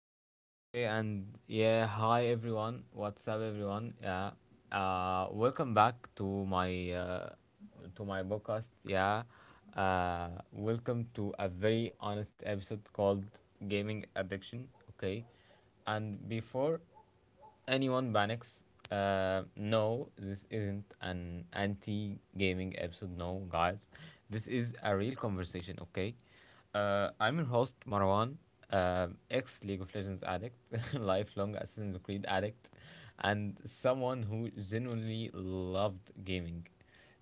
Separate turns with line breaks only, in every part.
Okay, and yeah. Hi, everyone. What's up, everyone? Yeah. Welcome back to my podcast. Yeah. Welcome to a very honest episode called Gaming Addiction. Okay, and before anyone panics. No, this isn't an anti gaming episode. No, guys, this is a real conversation, okay? I'm your host, Marwan, ex League of Legends addict, lifelong Assassin's Creed addict, and someone who genuinely loved gaming.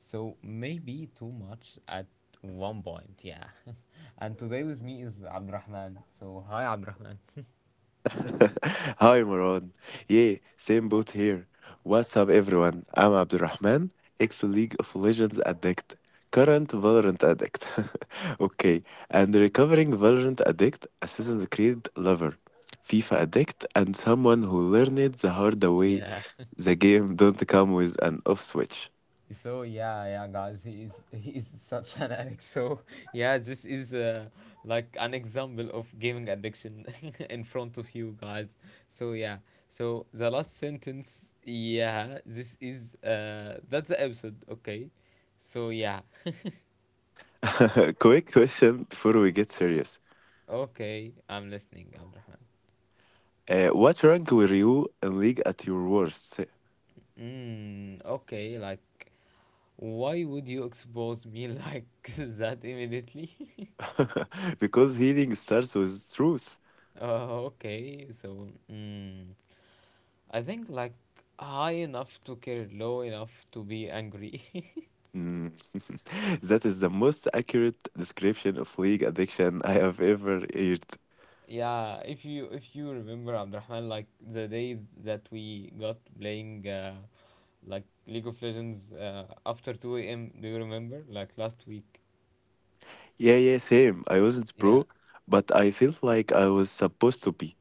So maybe too much at one point, yeah. And today with me is Abdurrahman. So, hi, Abdurrahman.
Hi Moran. Yeah, same boat here. What's up everyone? I'm Abdurrahman, ex-League of Legends addict, current Valorant addict. Okay, and recovering Valorant addict, Assassin's Creed lover, FIFA addict, and someone who learned the hard way
Yeah.
the game don't come with an off switch.
So yeah, yeah, guys, he is he is such an addict. So yeah, this is like an example of gaming addiction in front of you guys. So yeah, so the last sentence, yeah, this is that's the episode. Okay, so yeah.
Quick question before we get serious.
Okay, I'm listening, Abdurrahman.
What rank were you in League at your worst?
Okay, like why would you expose me like that immediately?
Because healing starts with truth.
Okay, I think like high enough to care, low enough to be angry.
Mm. That is the most accurate description of league addiction I have ever heard.
Yeah, if you remember Abdurrahman, like the days that we got playing like League of Legends after 2 a.m. Do you remember? Like last week.
Yeah, yeah, same. I wasn't
Yeah,
pro, but I felt like I was supposed to be.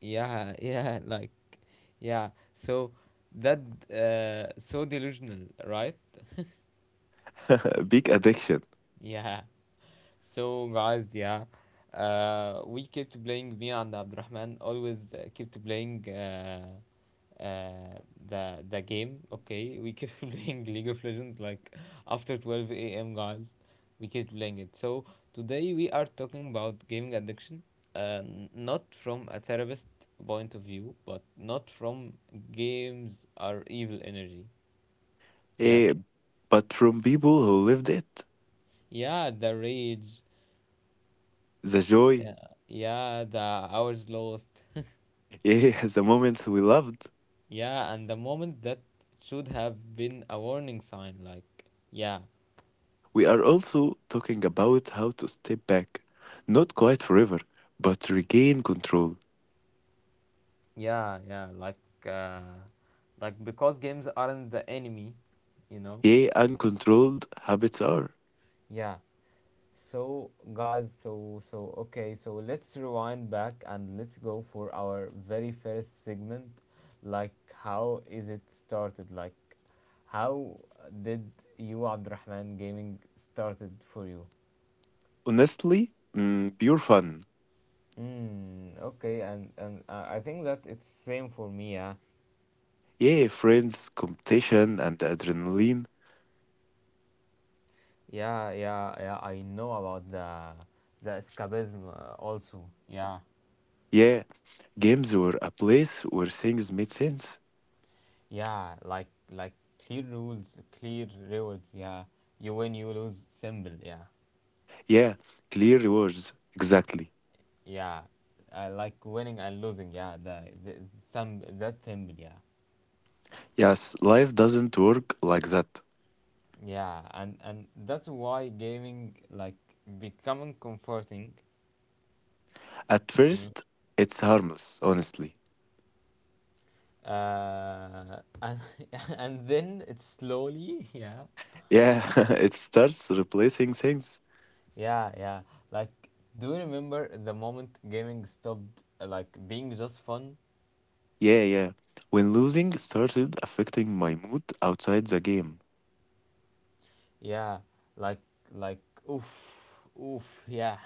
yeah, yeah. Like yeah. So that so delusional, right?
Big addiction.
Yeah. So guys, yeah. We kept playing me and Abdurrahman always kept playing uh, the game. Okay, we kept playing League of Legends like after 12 a.m. guys. We kept playing it. So today we are talking about gaming addiction, not from a therapist point of view, but not from games are evil energy. Yeah,
Eh? But from people who lived it,
yeah, the rage.
the joy,
Yeah, yeah, the hours lost.
yeah, the moments we loved.
Yeah, and the moment that should have been a warning sign, like yeah.
We are also talking about how to step back, not quite forever, but regain control.
Yeah, yeah, uh, like because games aren't the enemy, you know.
Yeah, uncontrolled habits are,
Yeah. So guys, so okay, so let's rewind back and let's go for our very first segment. Like how is it started? Like how did you Abdurrahman gaming started for you?
honestly, pure fun.
Okay, and I think that it's same for me. Yeah.
Yeah, friends, competition, and adrenaline.
Yeah, yeah, yeah. I know about the escapism also. Yeah,
Yeah, games were a place where things made sense.
yeah. Like clear rules, clear rewards. Yeah, you win, you lose. Simple. Yeah,
Yeah, clear rewards. Exactly.
yeah. Like winning and losing. Yeah, the some that simple. Yeah,
Yes, life doesn't work like that.
yeah. And that's why gaming like becoming comforting.
At
You know.
first, it's harmless, honestly.
And and then it slowly. Yeah.
Yeah, it starts replacing things.
Yeah, yeah. Like, do you remember the moment gaming stopped like being just fun?
Yeah, yeah. When losing started affecting my mood outside the game.
Yeah, like like oof, oof. Yeah,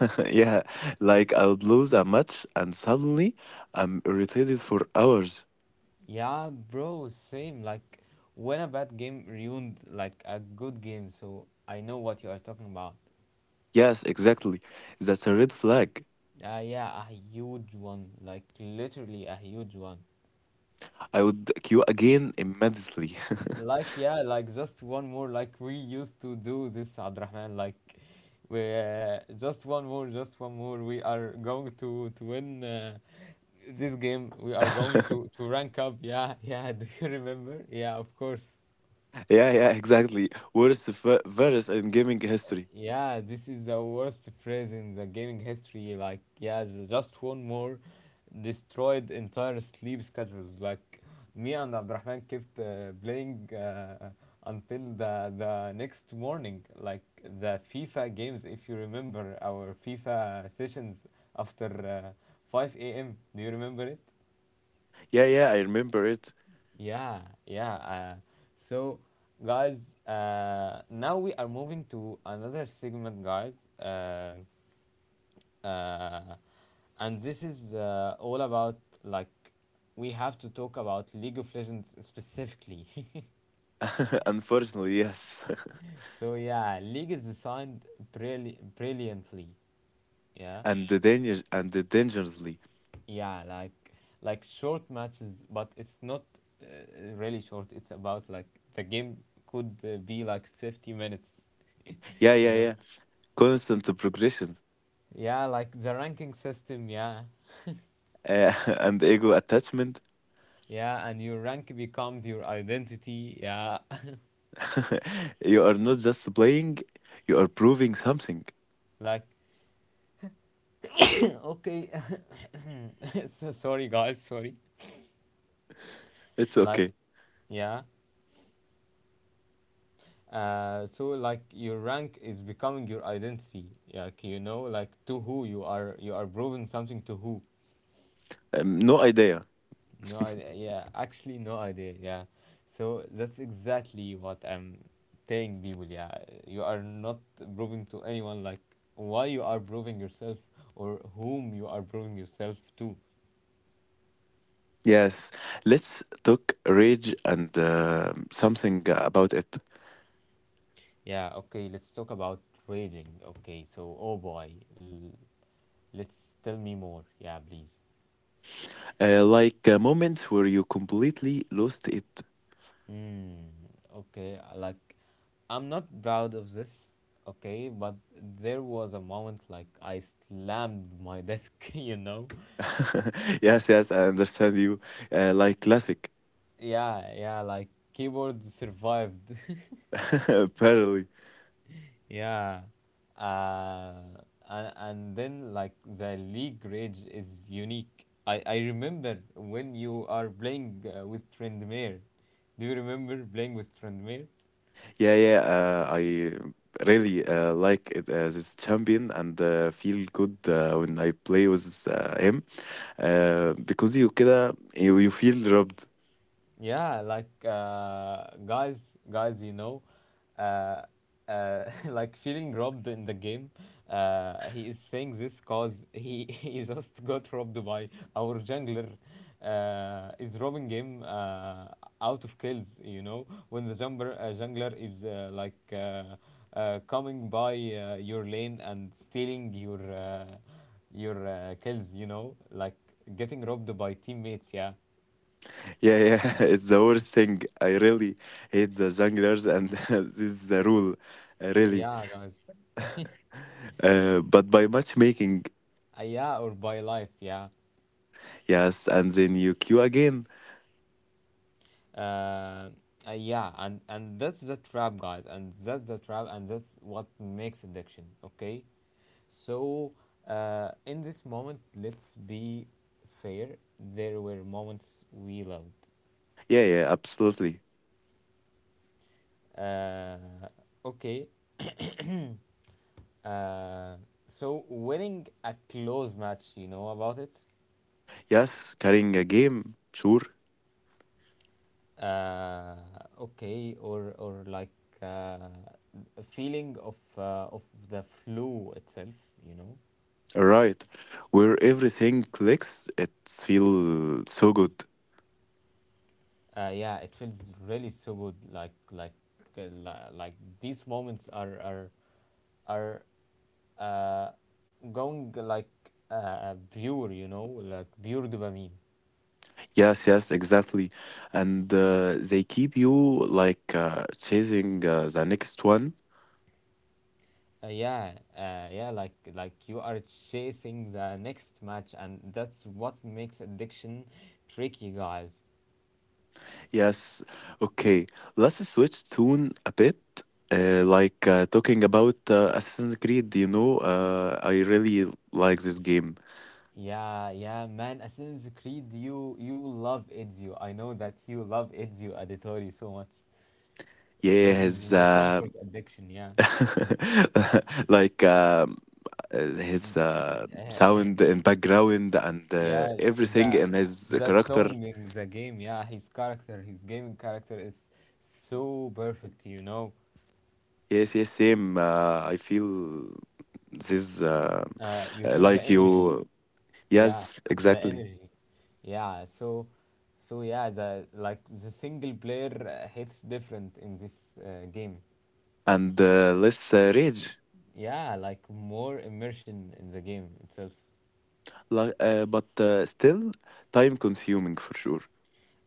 Yeah, like I would lose a match and suddenly I'm irritated for hours.
yeah, bro. Same. Like when a bad game ruined like a good game. So I know what you are talking about.
Yes, exactly. That's a red flag.
Yeah, a huge one. Like literally a huge one.
I would queue again immediately.
Like yeah, like just one more. Like we used to do this, Abdurrahman. Like we just one more, just one more. We are going to win this game. We are going to to rank up. Yeah, yeah. Do you remember? Yeah, of course.
Yeah, yeah, exactly. Worst virus in gaming history.
Yeah, this is the worst phrase in the gaming history. Like, yeah, just one more destroyed entire sleep schedules. Like, me and Abdurrahman kept playing until the next morning. Like the FIFA games, if you remember our FIFA sessions after uh, 5 a.m. Do you remember it?
Yeah, yeah, I remember it.
Yeah, yeah. So, guys, now we are moving to another segment, guys. Um uh, and this is all about like we have to talk about League of Legends specifically.
Unfortunately, yes.
So yeah, League is designed brilliantly. Yeah,
And the danger and the dangerously.
yeah, like short matches, but it's not uh, really short. It's about like the game could be like 50 minutes.
Yeah,
You
yeah,
know.
yeah. Constant progression
Yeah, like the ranking system, yeah.
uh, and ego attachment.
Yeah, and your rank becomes your identity, yeah.
You are not just playing; you are proving something.
Like okay. So sorry guys, sorry.
It's
Like
okay.
yeah. So like your rank is becoming your identity. Like you know like to who you are proving something to who.
No idea.
No idea. Yeah, actually no idea. Yeah. So that's exactly what I'm telling people. Yeah. You are not proving to anyone like why you are proving yourself or whom you are proving yourself to.
Yes, let's talk rage and something about it.
Yeah, okay, let's talk about trading. Okay, so oh boy, let's tell me more. Yeah, please.
Moments where you completely lost it.
Mm, okay, I I'm not proud of this, okay, but there was a moment like I slammed my desk, you know?
Yes, yes, I understand you. Like classic,
Yeah, yeah, like keyboard survived.
apparently.
Yeah. Uh, and then like the league rage is unique. I remember when you are playing with Trendmere. Do you remember playing with Trendmere?
Yeah, yeah, I really like it, this champion and feel good when I play with him because you كده you feel robbed.
Yeah, guys, guys, you know, uh, like feeling robbed in the game. He is saying this cause he he just got robbed by our jungler. Is robbing him out of kills. You know, when the jumper, jungler is like coming by your lane and stealing your kills. You know, like getting robbed by teammates. Yeah,
Yeah, yeah, it's the worst thing. I really hate the junglers, and this is the rule, really.
yeah, guys.
But by matchmaking,
Yeah, or by life, yeah.
yes, and then you queue again.
Uh, yeah, and that's the trap, guys, and that's the trap, and that's what makes addiction, okay? So, in this moment, let's be fair. There were moments we loved.
Yeah, yeah, absolutely.
Uh, okay, uh, so winning a close match, you know about it?
Yes, carrying a game, sure.
uh, okay, or like uh, a feeling of the flu itself, you know.
Right, where everything clicks, it feels so good.
Yeah, it feels really so good, like like these moments are uh, going like pure, you know, like pure dopamine.
Yes, yes, exactly. And they keep you chasing the next one.
Yeah, yeah, like you are chasing the next match, and that's what makes addiction tricky, guys.
Yes. Okay. Let's switch tune a bit. Talking about Assassin's Creed, you know, I really like this game.
Yeah, yeah, man. Assassin's Creed, you love Ezio. I know that you love Ezio Auditore so much.
Yeah,
This is
his
my comfort addiction. Yeah,
like his
uh, uh,
sound and background and
yeah.
everything
The
in his
the
character.
song in the game. Yeah, his character, his gaming character is so perfect. You know,
Yes, yes, same. I feel this
you feel the
like
energy.
you.
Yeah,
Yes,
the
exactly.
energy. Yeah. So, so yeah, the like the single player hits different in this game.
And let's rage.
Yeah, like more immersion in the game itself.
Like, but still time consuming for sure.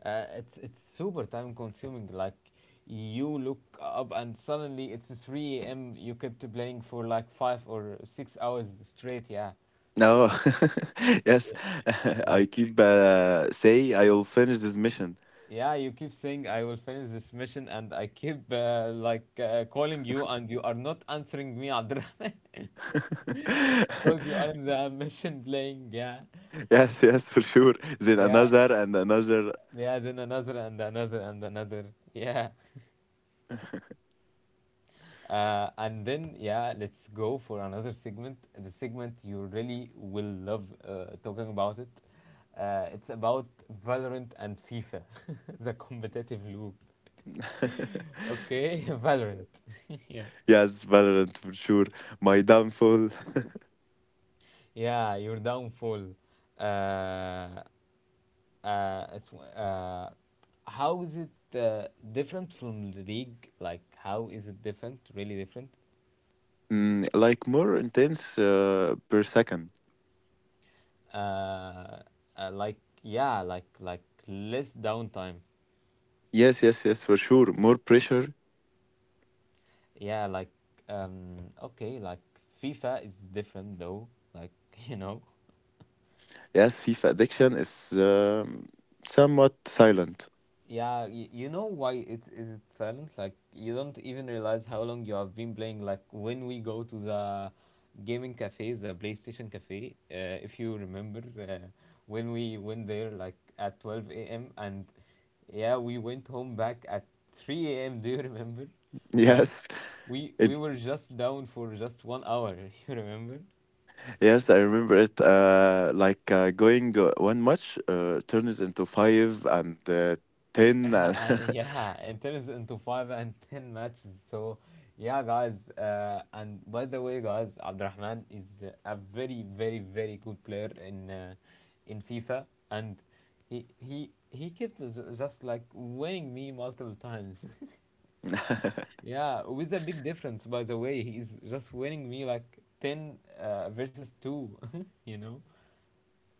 It's super time consuming, like you look up and suddenly it's 3 a.m. You kept playing for like 5 or 6 hours straight, yeah.
No, yes, I
Like
keep say I will finish this mission.
yeah, you keep saying I will finish this mission, and I keep calling you and you are not answering me, Abdurrahman. Because you are in the mission playing, yeah.
Yes, yes, for sure. Then
Yeah,
another and another.
yeah, then another and another and another, yeah. And then, yeah, let's go for another segment. The segment you really will love talking about it. It's about Valorant and FIFA, the competitive loop. Okay, Valorant.
Yes, Valorant for sure. My downfall.
Yeah, your downfall. Uh, uh, it's, uh, how is it different from the league? Like, how is it different? Really different?
Like more intense per second.
Uh, like, yeah, like less downtime.
Yes, yes, yes, for sure. More pressure.
Yeah, okay, like FIFA is different though. Like, you know.
Yes, FIFA addiction is somewhat silent.
Yeah, you know why it is it silent? Like you don't even realize how long you have been playing. Like when we go to the gaming cafe, the PlayStation cafe, if you remember, when we went there like at 12 a.m., and yeah, we went home back at 3 a.m. Do you remember? Like
Yes,
we
it.
we were just down for just one hour. You remember?
Yes, I remember it. Going one match turns into five and ten, and
Yeah, it turns into five and ten matches. So, yeah, guys. And by the way, guys, Abdurrahman is a very, very, very good player in FIFA, and he kept just like winning me multiple times. Yeah, with a big difference. By the way, he's just winning me like ten versus two. You know.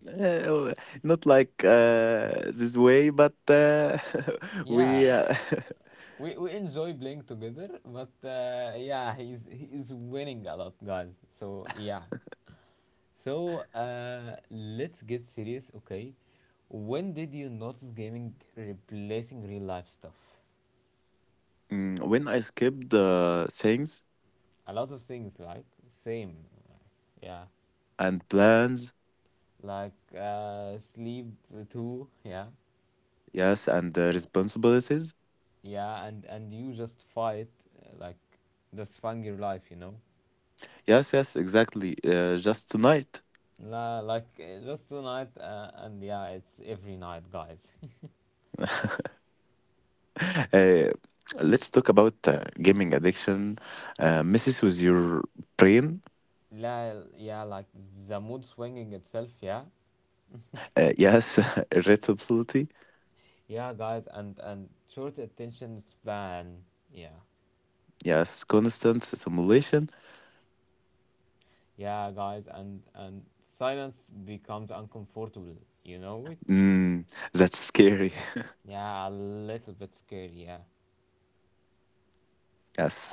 Uh, not like this way, but we.
Yeah, we enjoy playing together, but yeah, he's winning a lot, guys. So yeah, so let's get serious, okay? When did you notice gaming replacing real life stuff?
When I skipped things
A lot of things, like same, yeah,
and plans.
like sleep too, yeah.
Yes, and the responsibilities.
Yeah, and you just fight, like just fun your life, you know.
Yes, yes, exactly. Just tonight.
La, just tonight, and yeah, it's every night, guys.
Uh, let's talk about gaming addiction. Messes with your brain.
La, yeah, like the mood swinging itself, yeah.
Yes, irritability.
Yeah, guys, and short attention span, yeah.
Yes, constant stimulation.
Yeah, guys, and silence becomes uncomfortable, you know it?
Mm, that's scary.
Yeah, a little bit scary, yeah.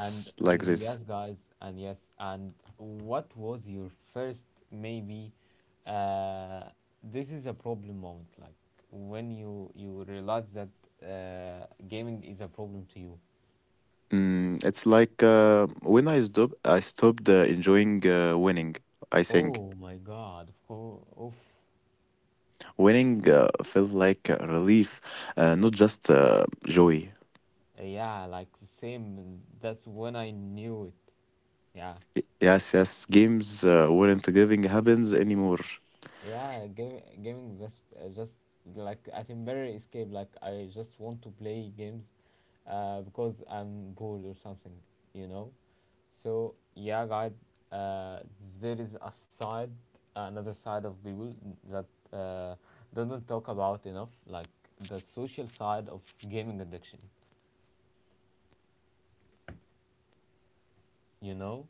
like
And
this.
yes, guys, and yes, and what was your first, maybe uh this is a problem moment, like when you realize that gaming is a problem to you.
It's like I stopped enjoying winning. I think
Oh my god, of course. Oof.
winning felt like a relief, not just joy.
Yeah, like the same. That's when I knew it. Yeah.
Yes, yes. Games weren't giving happens anymore.
Yeah, game, gaming just like at very escape. Like I just want to play games because I'm bored or something, you know? So, yeah, guys, uh, there is a side, another side of people that uh, doesn't talk about enough, like the social side of gaming addiction, you know?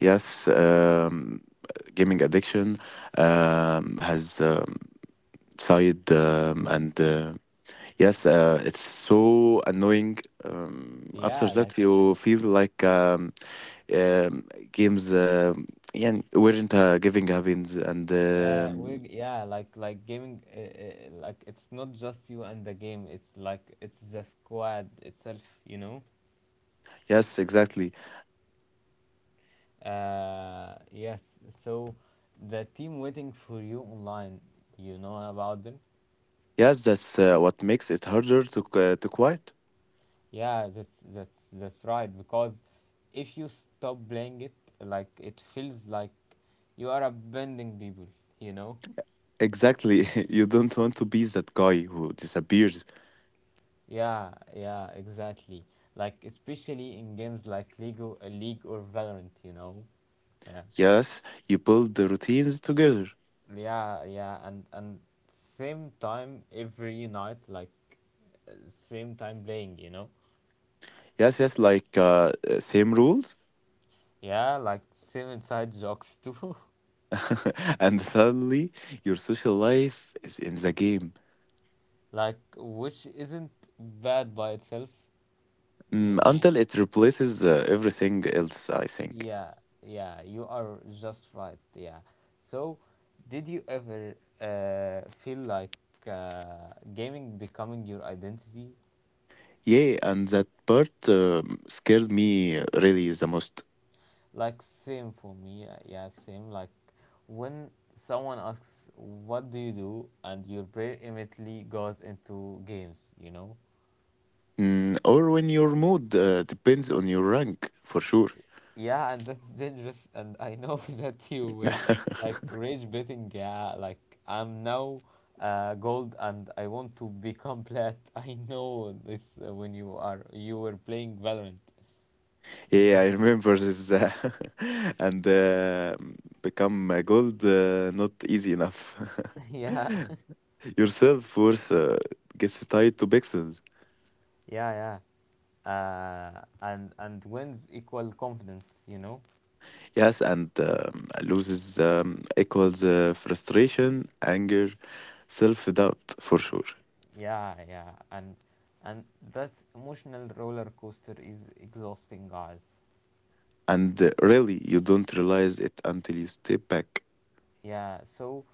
Yes, gaming addiction has side
Like,
and yes, it's so annoying. After
yeah, like
that, you feel like games yeah, weren't giving happens and
We, yeah, like gaming, like it's not just you and the game. It's like it's the squad itself, you know.
Yes, exactly.
Yes. So, the team waiting for you online. You know about them.
Yes, that's what makes it harder to quiet.
Yeah, that's right. Because if you stop playing it, like it feels like you are abandoning people. You know.
Exactly. You don't want to be that guy who disappears.
Yeah, yeah, exactly. Like especially in games like League or Valorant. You know. Yeah.
Yes, you build the routines together.
Yeah, yeah, and same time every night, like uh, same time playing, you know.
Yes, yes, same rules,
Yeah, like same inside jokes too.
and suddenly your social life is in the game.
Like which isn't bad by itself, you know.
Until it replaces everything else. I think.
Yeah, yeah, you are just right. Yeah. So, did you ever feel like gaming becoming your identity?
Yeah, and that part scared me really the most.
Like same for me, yeah, same. Like when someone asks, "What do you do?" and your brain immediately goes into games, you know.
Mm, or when your mood depends on your rank, for sure.
Yeah, and that's dangerous. And I know that you were like rage betting. Yeah, like I'm now gold, and I want to become plat. I know this when you were playing Valorant, you
Yeah,
know.
I remember this, and become a gold not easy enough.
Yeah,
Your self worth gets tied to pixels.
yeah, yeah. And wins equal confidence, you know.
Yes, and loses equals frustration, anger, self doubt for sure.
Yeah, yeah, and that emotional roller coaster is exhausting, guys.
And really, you don't realize it until you step back.
Yeah, so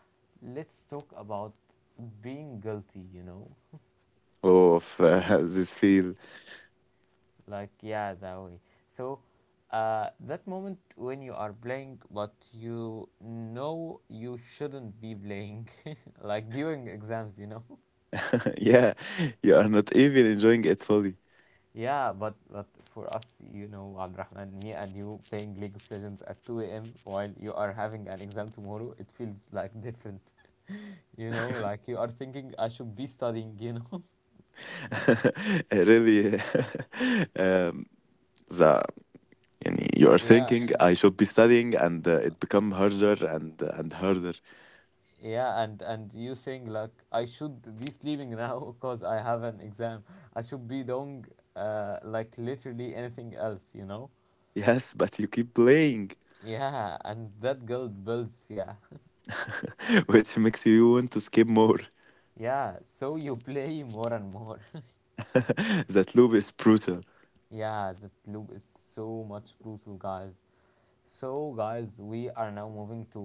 let's talk about being guilty. You know,
Oh, of this feel.
like yeah, that way. So, that moment when you are playing, but you know you shouldn't be playing, like during exams. You know.
Yeah, you are not even enjoying it fully.
Yeah, but for us, you know, Abdurrahman, me and you playing League of Legends at 2 a.m. while you are having an exam tomorrow, it feels like different. You know, like you are thinking I should be studying, you know.
Really, um, the, yani, you are
Yeah,
thinking I should be studying, and it become harder and harder.
yeah, and you saying like I should be sleeping now, because I have an exam. I should be doing like literally anything else, you know.
Yes, but you keep playing,
Yeah, and that guilt builds, yeah.
which makes you want to skip more.
Yeah, so you play more and more.
That loop is brutal.
Yeah, that loop is so much brutal, guys. So, guys, we are now moving to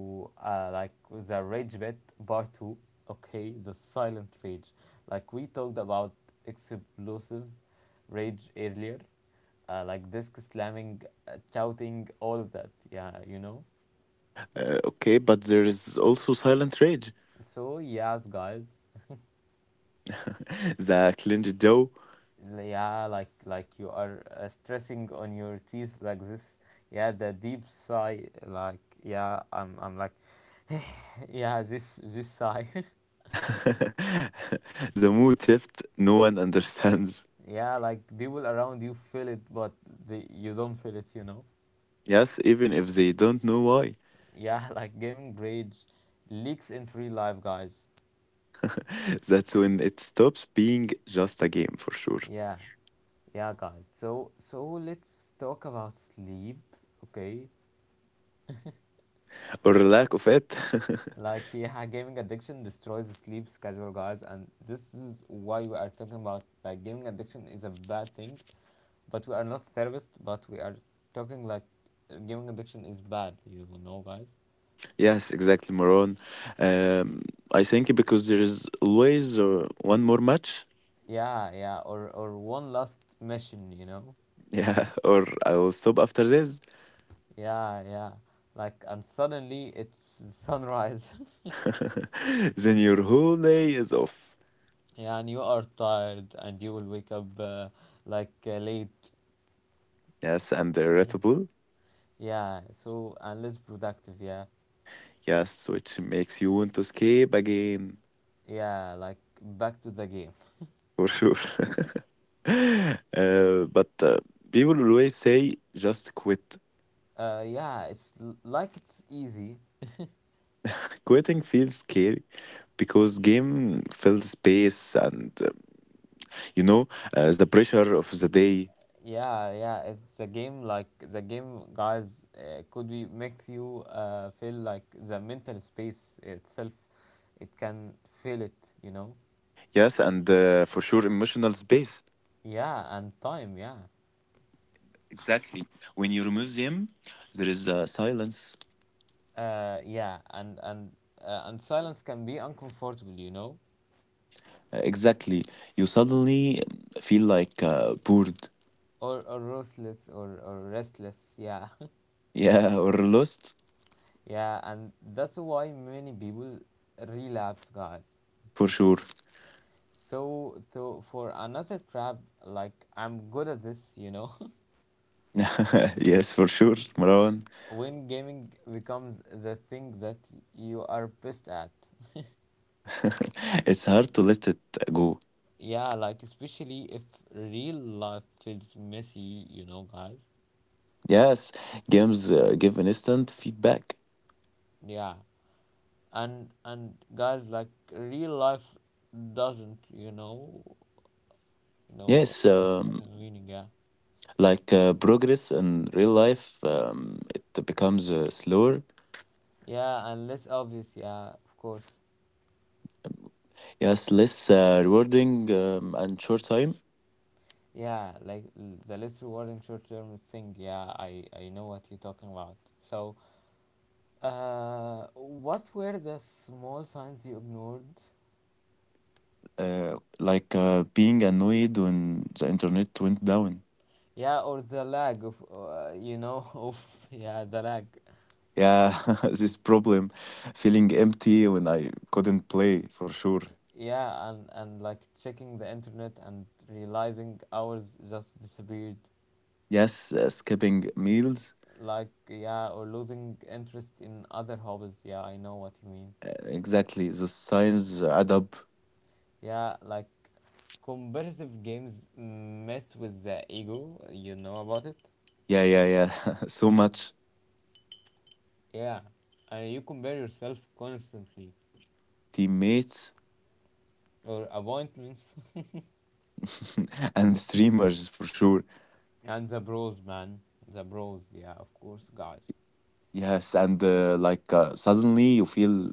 like the rage bit part two. Okay, the silent rage. Like we talked about explosive rage earlier, like disc slamming, shouting, all of that. Yeah, you know.
Okay, but there is also silent rage,
So yes, guys.
the clenched jaw,
Yeah, like you are stressing on your teeth like this. Yeah, the deep sigh. Like yeah, I'm like, yeah, this sigh.
the mood shift no one understands.
Yeah, like people around you feel it, but the you don't feel it, you know.
Yes, even if they don't know why.
Yeah. Like gaming rage leaks into real life, guys.
That's when it stops being just a game for sure,
Yeah, yeah, guys, so let's talk about sleep, okay.
or lack of it.
Like yeah, gaming addiction destroys the sleep schedule, guys, and this is why we are talking about, like, gaming addiction is a bad thing, but we are not therapist, but we are talking like gaming addiction is bad, you know, guys.
Yes, exactly, Moron. Um, I think because there is always one more match.
Yeah, yeah, or one last mission, you know.
Yeah, or I'll stop after this.
Yeah, yeah. Like, and suddenly it's sunrise.
Then your whole day is off.
Yeah, and you are tired, and you will wake up like late.
Yes, and irritable.
Yeah, so and less productive. Yeah,
Yes, which makes you want to escape again,
yeah. Like back to the game.
for sure. But People always say just quit.
Yeah, it's like it's easy.
Quitting feels scary because game fills space and you know the pressure of the day.
Yeah, yeah. It's a game. Like the game, guys. Could be makes you feel like the mental space itself. It can feel it. You know.
Yes, and for sure emotional space.
Yeah, and time. Yeah.
Exactly. When you remove them, there is silence.
Yeah, and silence can be uncomfortable, you know,
Exactly. You suddenly feel like bored.
or restless. Yeah.
Yeah, or lost,
Yeah, and that's why many people relapse, guys.
for sure.
So for another trap, like I'm good at this, you know.
Yes, for sure, Marwan.
When gaming becomes the thing that you are best at.
It's hard to let it go.
Yeah, like especially if real life feels messy, you know, guys.
Yes, games give an instant feedback.
Yeah, and guys, like real life doesn't, You know
Yes,
that's what I'm meaning, yeah.
progress in real life, it becomes slower.
Yeah, and less obvious, yeah, of course.
Yes, less rewarding and short time.
Yeah, like the less rewarding short-term thing, yeah. I know what you're talking about. So, what were the small signs you ignored?
Being annoyed when the internet went down.
Yeah, or the lag of, you know, of, yeah, the lag.
Yeah, this problem, feeling empty when I couldn't play, for sure.
Yeah, and like checking the internet and realizing hours just disappeared.
Yes, skipping meals,
Like, yeah, or losing interest in other hobbies, yeah, I know what you mean.
exactly. The signs add up.
Yeah, like competitive games mess with the ego, you know about it.
Yeah, yeah, yeah. So much
Yeah, and you compare yourself constantly.
teammates
Or appointments.
and streamers, for sure.
And the bros, man, the bros, yeah, of course, guys.
Yes, and suddenly you feel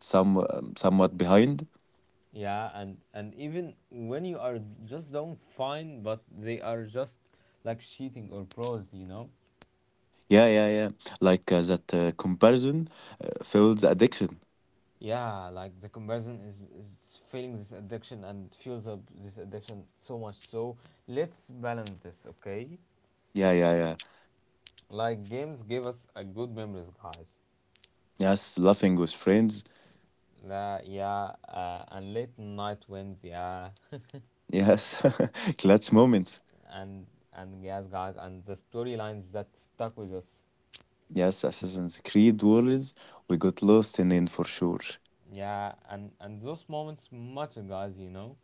somewhat behind.
Yeah, and even when you are just doing fine, but they are just like cheating or pros, you know.
Yeah, yeah, yeah. Like that Comparison fuels addiction.
Yeah, like the comparison is feeling this addiction and fuels up this addiction so much. So let's balance this, okay?
Yeah, yeah, yeah.
Like games give us a good memories, guys.
Yes, laughing with friends.
La, yeah, and late night wins, yeah,
Yes, clutch moments.
and and yes, guys, and the storylines that stuck with us,
Yes, Assassin's Creed worries we got lost in it for sure,
yeah, and those moments matter, guys. You know,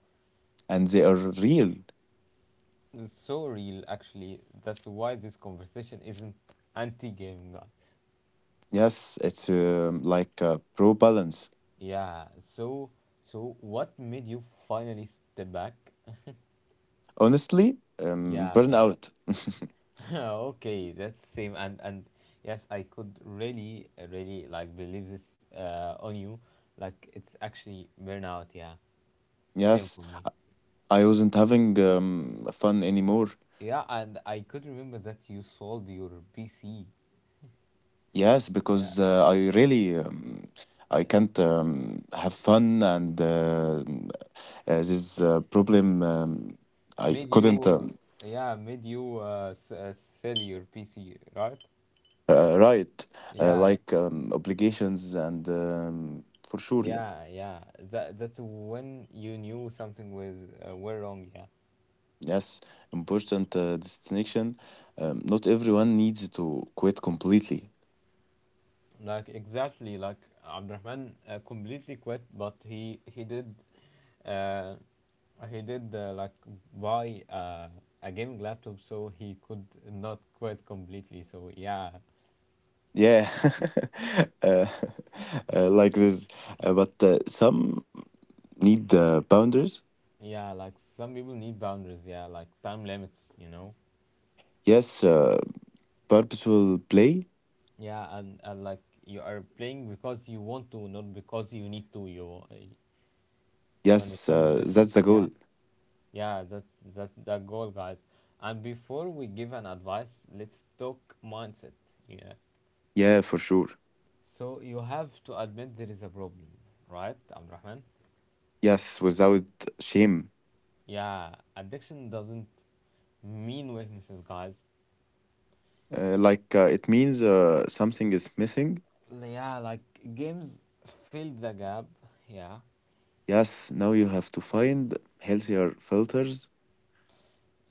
and they are real.
it's so real actually. That's why this conversation isn't anti-gaming, guys.
Yes, it's like a pro balance.
Yeah. So, so what made you finally step back?
Honestly,
Yeah, gun.
burnout.
Okay, that's same. And yes, I could really, really like believe this on you. Like it's actually burnout. Yeah, same
Yes,
for me.
I wasn't having fun anymore.
Yeah, and I could remember that you sold your PC.
Yes,
Yeah,
because I really I can't have fun, and this problem I
made
couldn't.
you. Yeah, made you sell your PC, right?
Right,
Yeah.
obligations and for sure, yeah.
Yeah, yeah. That's when you knew something was were wrong. Yeah,
Yes, important distinction. Not everyone needs to quit completely.
like exactly like Abdurrahman completely quit, but he did, uh, like buy a gaming laptop, so he could not quit completely. So yeah,
Yeah, uh, like this. But Some need boundaries.
yeah. Like some people need boundaries. Yeah, like time limits. You know.
Yes, purposeful play.
Yeah, and like you are playing because you want to, not because you need to. You
Yes,
understand the
that's
difference?
the
Yeah.
goal.
Yeah, that's the goal, guys. And before we give an advice, let's talk mindset. Yeah.
Yeah, for sure.
So you have to admit there is a problem, right, Abdurrahman?
Yes, without shame.
Yeah, addiction doesn't mean weaknesses, guys.
It means something is missing.
Yeah, like games fill the gap. Yeah.
Yes, now you have to find healthier filters.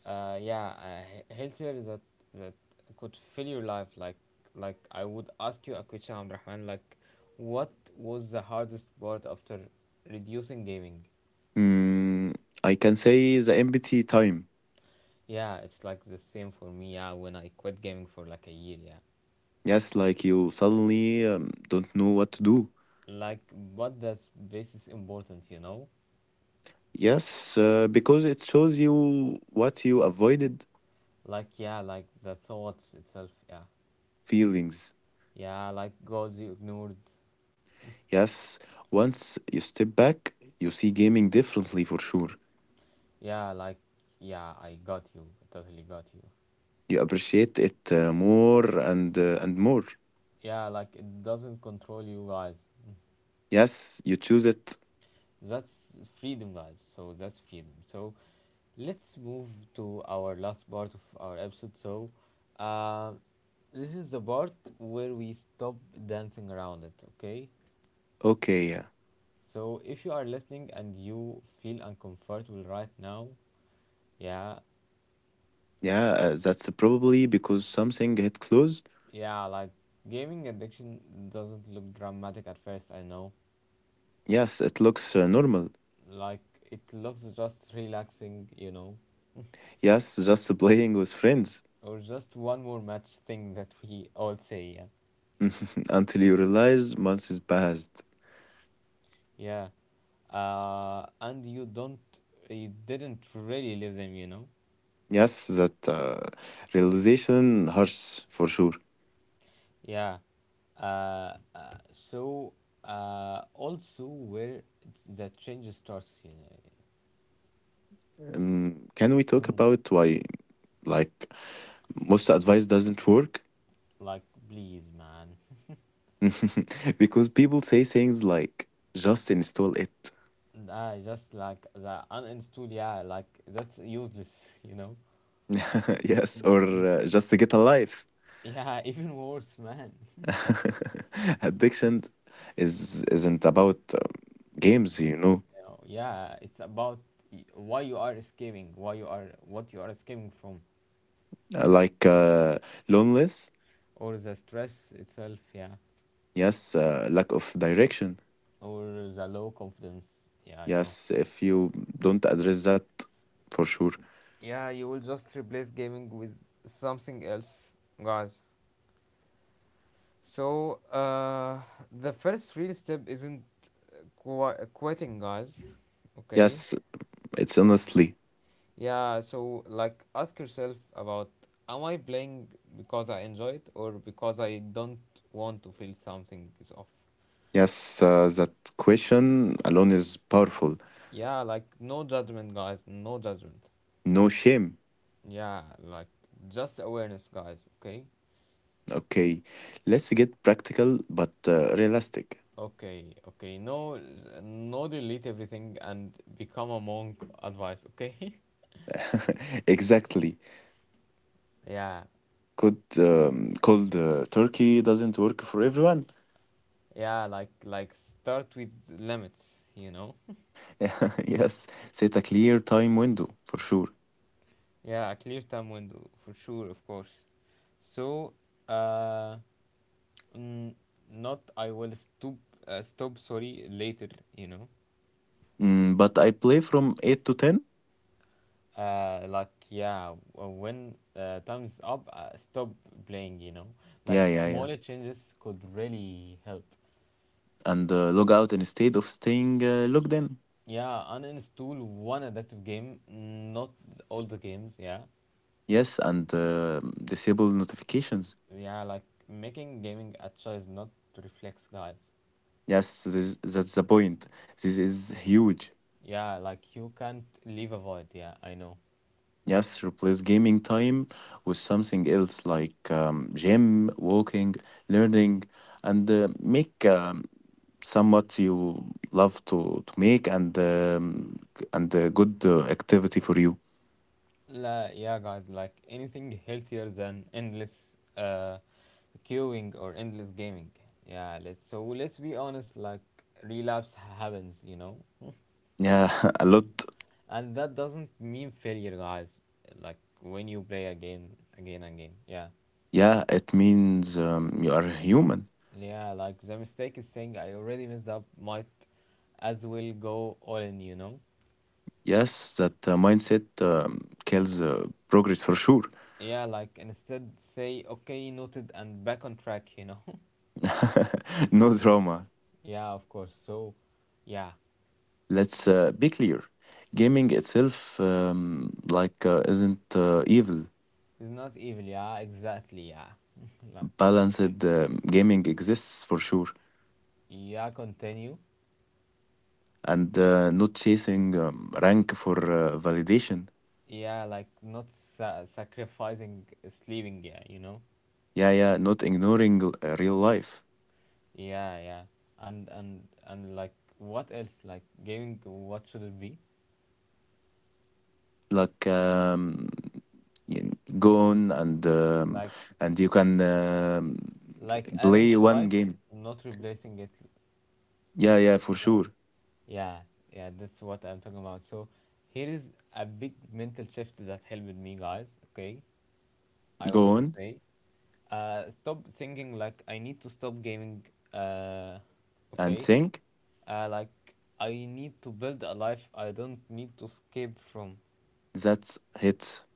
Yeah, healthier that could fill your life. Like I would ask you a question, Abdurrahman. Like, what was the hardest part after reducing gaming?
Mm, I can say the empathy time.
Yeah, it's like the same for me. Yeah, when I quit gaming for like a year, yeah.
Yes, like you suddenly don't know what to do.
Like, but that's this is important, you know.
Yes, because it shows you what you avoided
Like, yeah, like the thoughts itself, yeah,
feelings.
yeah. Like, goals you ignored,
Yes, once you step back, you see gaming differently for sure.
yeah. Like, yeah, I got you, totally got you.
You appreciate it more and more.
Yeah, like it doesn't control you, guys.
Yes, you choose it.
That's freedom, guys. So that's freedom. So let's move to our last part of our episode. So, uh, this is the part where we stop dancing around it. Okay.
Okay, yeah,
So if you are listening and you feel uncomfortable right now, yeah,
yeah. That's probably because something hit close.
yeah, like gaming addiction doesn't look dramatic at first, I know.
Yes, it looks normal.
Like it looks just relaxing, you know,
Yes, just playing with friends.
or just one more match thing that we all say, yeah.
Until you realize months is passed.
Yeah. And you didn't really leave them, you know.
Yes, that realization hurts for sure.
Yeah. So also where the change starts, you
Can we talk
know.
about why, like, most advice doesn't work?
Like, please, man.
Because people say things like, just install it.
I just like the uninstall, yeah, like that's useless, you know.
Yes, or just to get a life.
Yeah, even worse, man.
Addiction isn't about games, you know.
You know, yeah, it's about why you are escaping, what you are escaping from,
Uh, Like, uh, Loneliness.
or the stress itself, yeah,
Yes, lack of direction.
or the low confidence, yeah, I know.
Yes, if you don't address that, for sure.
Yeah, you will just replace gaming with something else, guys. So, the first real step isn't quitting, guys. Okay.
Yes, it's honestly.
Yeah, so like ask yourself about, am I playing because I enjoy it, or because I don't want to feel something is off?
Yes, that question alone is powerful.
Yeah, like no judgment, guys, no judgment.
No shame.
Yeah, like just awareness, guys, okay?
Okay, let's get practical but realistic.
Okay, okay, no, no delete everything and become a monk advice, okay?
Exactly.
Yeah,
Could cold turkey doesn't work for everyone.
yeah, like start with limits, you know?
Yes, set a clear time window for sure.
Yeah, a clear time window for sure, of course. So, uh, Mm, not I will stop sorry, later, you know.
But I play from eight to ten.
Uh, like yeah, when time's up, stop playing, you know.
Yeah,
Like
yeah, yeah.
smaller changes could really help.
And log out instead of staying logged in.
Yeah, uninstall one addictive game, not all the games, yeah.
Yes, and disable notifications.
Yeah, like making gaming a choice, not reflex, guys.
Yes, this, that's the point. This is huge.
Yeah, like you can't leave a void, yeah, I know.
Yes, replace gaming time with something else like gym, walking, learning, and make somewhat you love to make and a good activity for you.
La, yeah, guys, like anything healthier than endless queuing or endless gaming. Yeah, let's be honest. Like relapse happens, you know,
Yeah, a lot.
and that doesn't mean failure, guys. Like when you play again, again, again. Yeah,
Yeah, it means you are human.
yeah. Like the mistake is saying I already messed up. Might as well go all in, you know.
Yes, that mindset kills progress for sure.
Yeah, like instead say, okay, noted, and back on track, you know.
No drama.
Yeah, of course. So, yeah.
Let's be clear. Gaming itself, isn't evil.
It's not evil, yeah, exactly, yeah. Like, yeah.
Balanced gaming exists for sure,
Yeah, continue.
and not chasing rank for validation.
Yeah, like not sacrificing sleeping, yeah, you know?
Yeah, yeah, not ignoring real life.
Yeah, yeah. And like what else? Like giving, what should it be?
Like, you go on
Like
and you can
like adding
play
to
one
life,
game.
not replacing it
Yeah, yeah,
with
for
life.
sure.
Yeah, yeah, that's what I'm talking about. So here is a big mental shift that helped me, guys, okay? I
Go
want to
on
say, stop thinking like I need to stop gaming. Uh,
and
okay,
think.
like I need to build a life I don't need to escape from.
That's hits.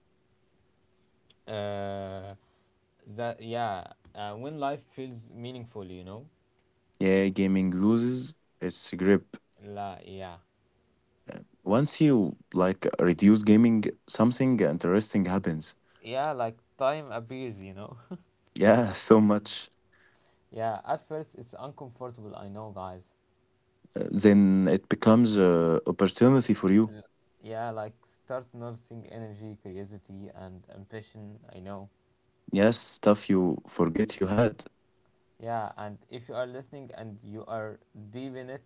Uh, that Yeah. When life feels meaningful, you know.
Yeah, gaming loses its grip.
La, yeah,
Once you like reduce gaming, something interesting happens.
yeah. Like time appears, you know.
Yeah, so much.
Yeah. At first, it's uncomfortable. I know, guys.
Then it becomes a opportunity for you.
Uh, yeah, like start noticing energy, curiosity, and ambition. I know.
Yes, stuff you forget you had.
Yeah, and if you are listening and you are deep in it,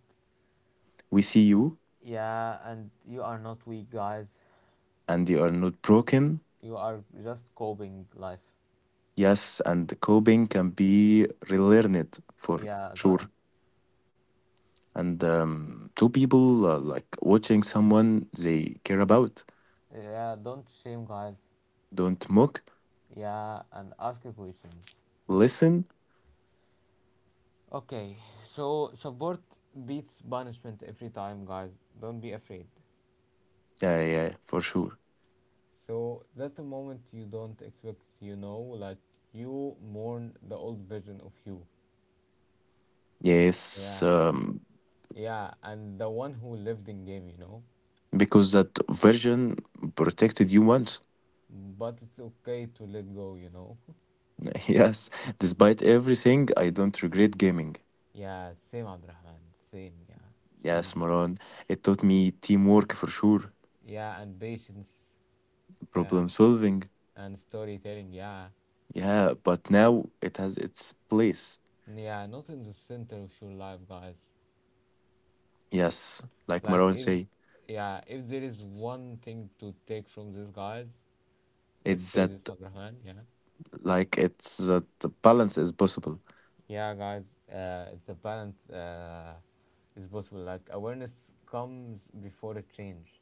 We see you,
yeah, and you are not weak, guys.
and you are not broken.
You are just coping life.
Yes, and coping can be relearned for
Yeah,
sure
guys.
and two people like watching someone they care about.
Yeah, don't shame, guys.
Don't mock,
Yeah, and ask a question.
listen.
Okay, so support beats punishment every time, guys. Don't be afraid.
Yeah, yeah, for sure.
So that's the moment you don't expect, you know, like you mourn the old version of you.
Yes,
Yeah, yeah, and the one who lived in game, you know.
because that version protected you once.
But it's okay to let go, you know.
Yes, despite everything, I don't regret gaming.
Yeah, same Abdurrahman. Same, yeah. Same,
Yes,
bro.
Moran, it taught me teamwork for sure,
Yeah, and patience. Yeah.
problem solving.
And storytelling, yeah.
Yeah, but now it has its place.
Yeah, not in the center of your life, guys.
Yes, like
Like
Maron
if
say,
yeah, if there is one thing to take from this, guys, let's
it's
say
that
this, Abraham, yeah.
like it's that the balance is possible.
Yeah, guys, it's a balance, is possible. Like awareness comes before a change.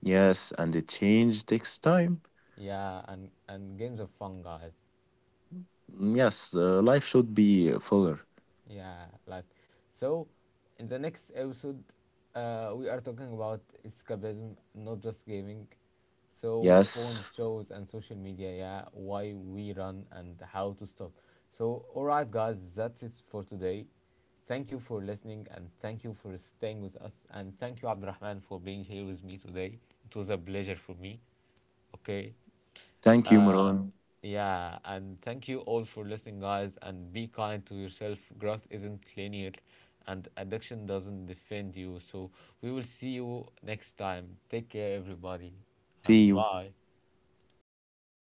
Yes, and the change takes time.
Yeah, and games are fun, guys.
Yes, life should be fuller.
Yeah, like so in the next episode we are talking about escapism, not just gaming. So phones,
Yes.
shows and social media, yeah, why we run and how to stop. So all right guys, that's it for today. Thank you for listening, and thank you for staying with us, and thank you Abdurrahman for being here with me today. It was a pleasure for me. Okay.
Thank you,
Uh,
Moran.
yeah, and thank you all for listening, guys. And be kind to yourself. Growth isn't linear, and addiction doesn't defend you. So we will see you next time. Take care, everybody,
See
and
you.
bye.
Bye.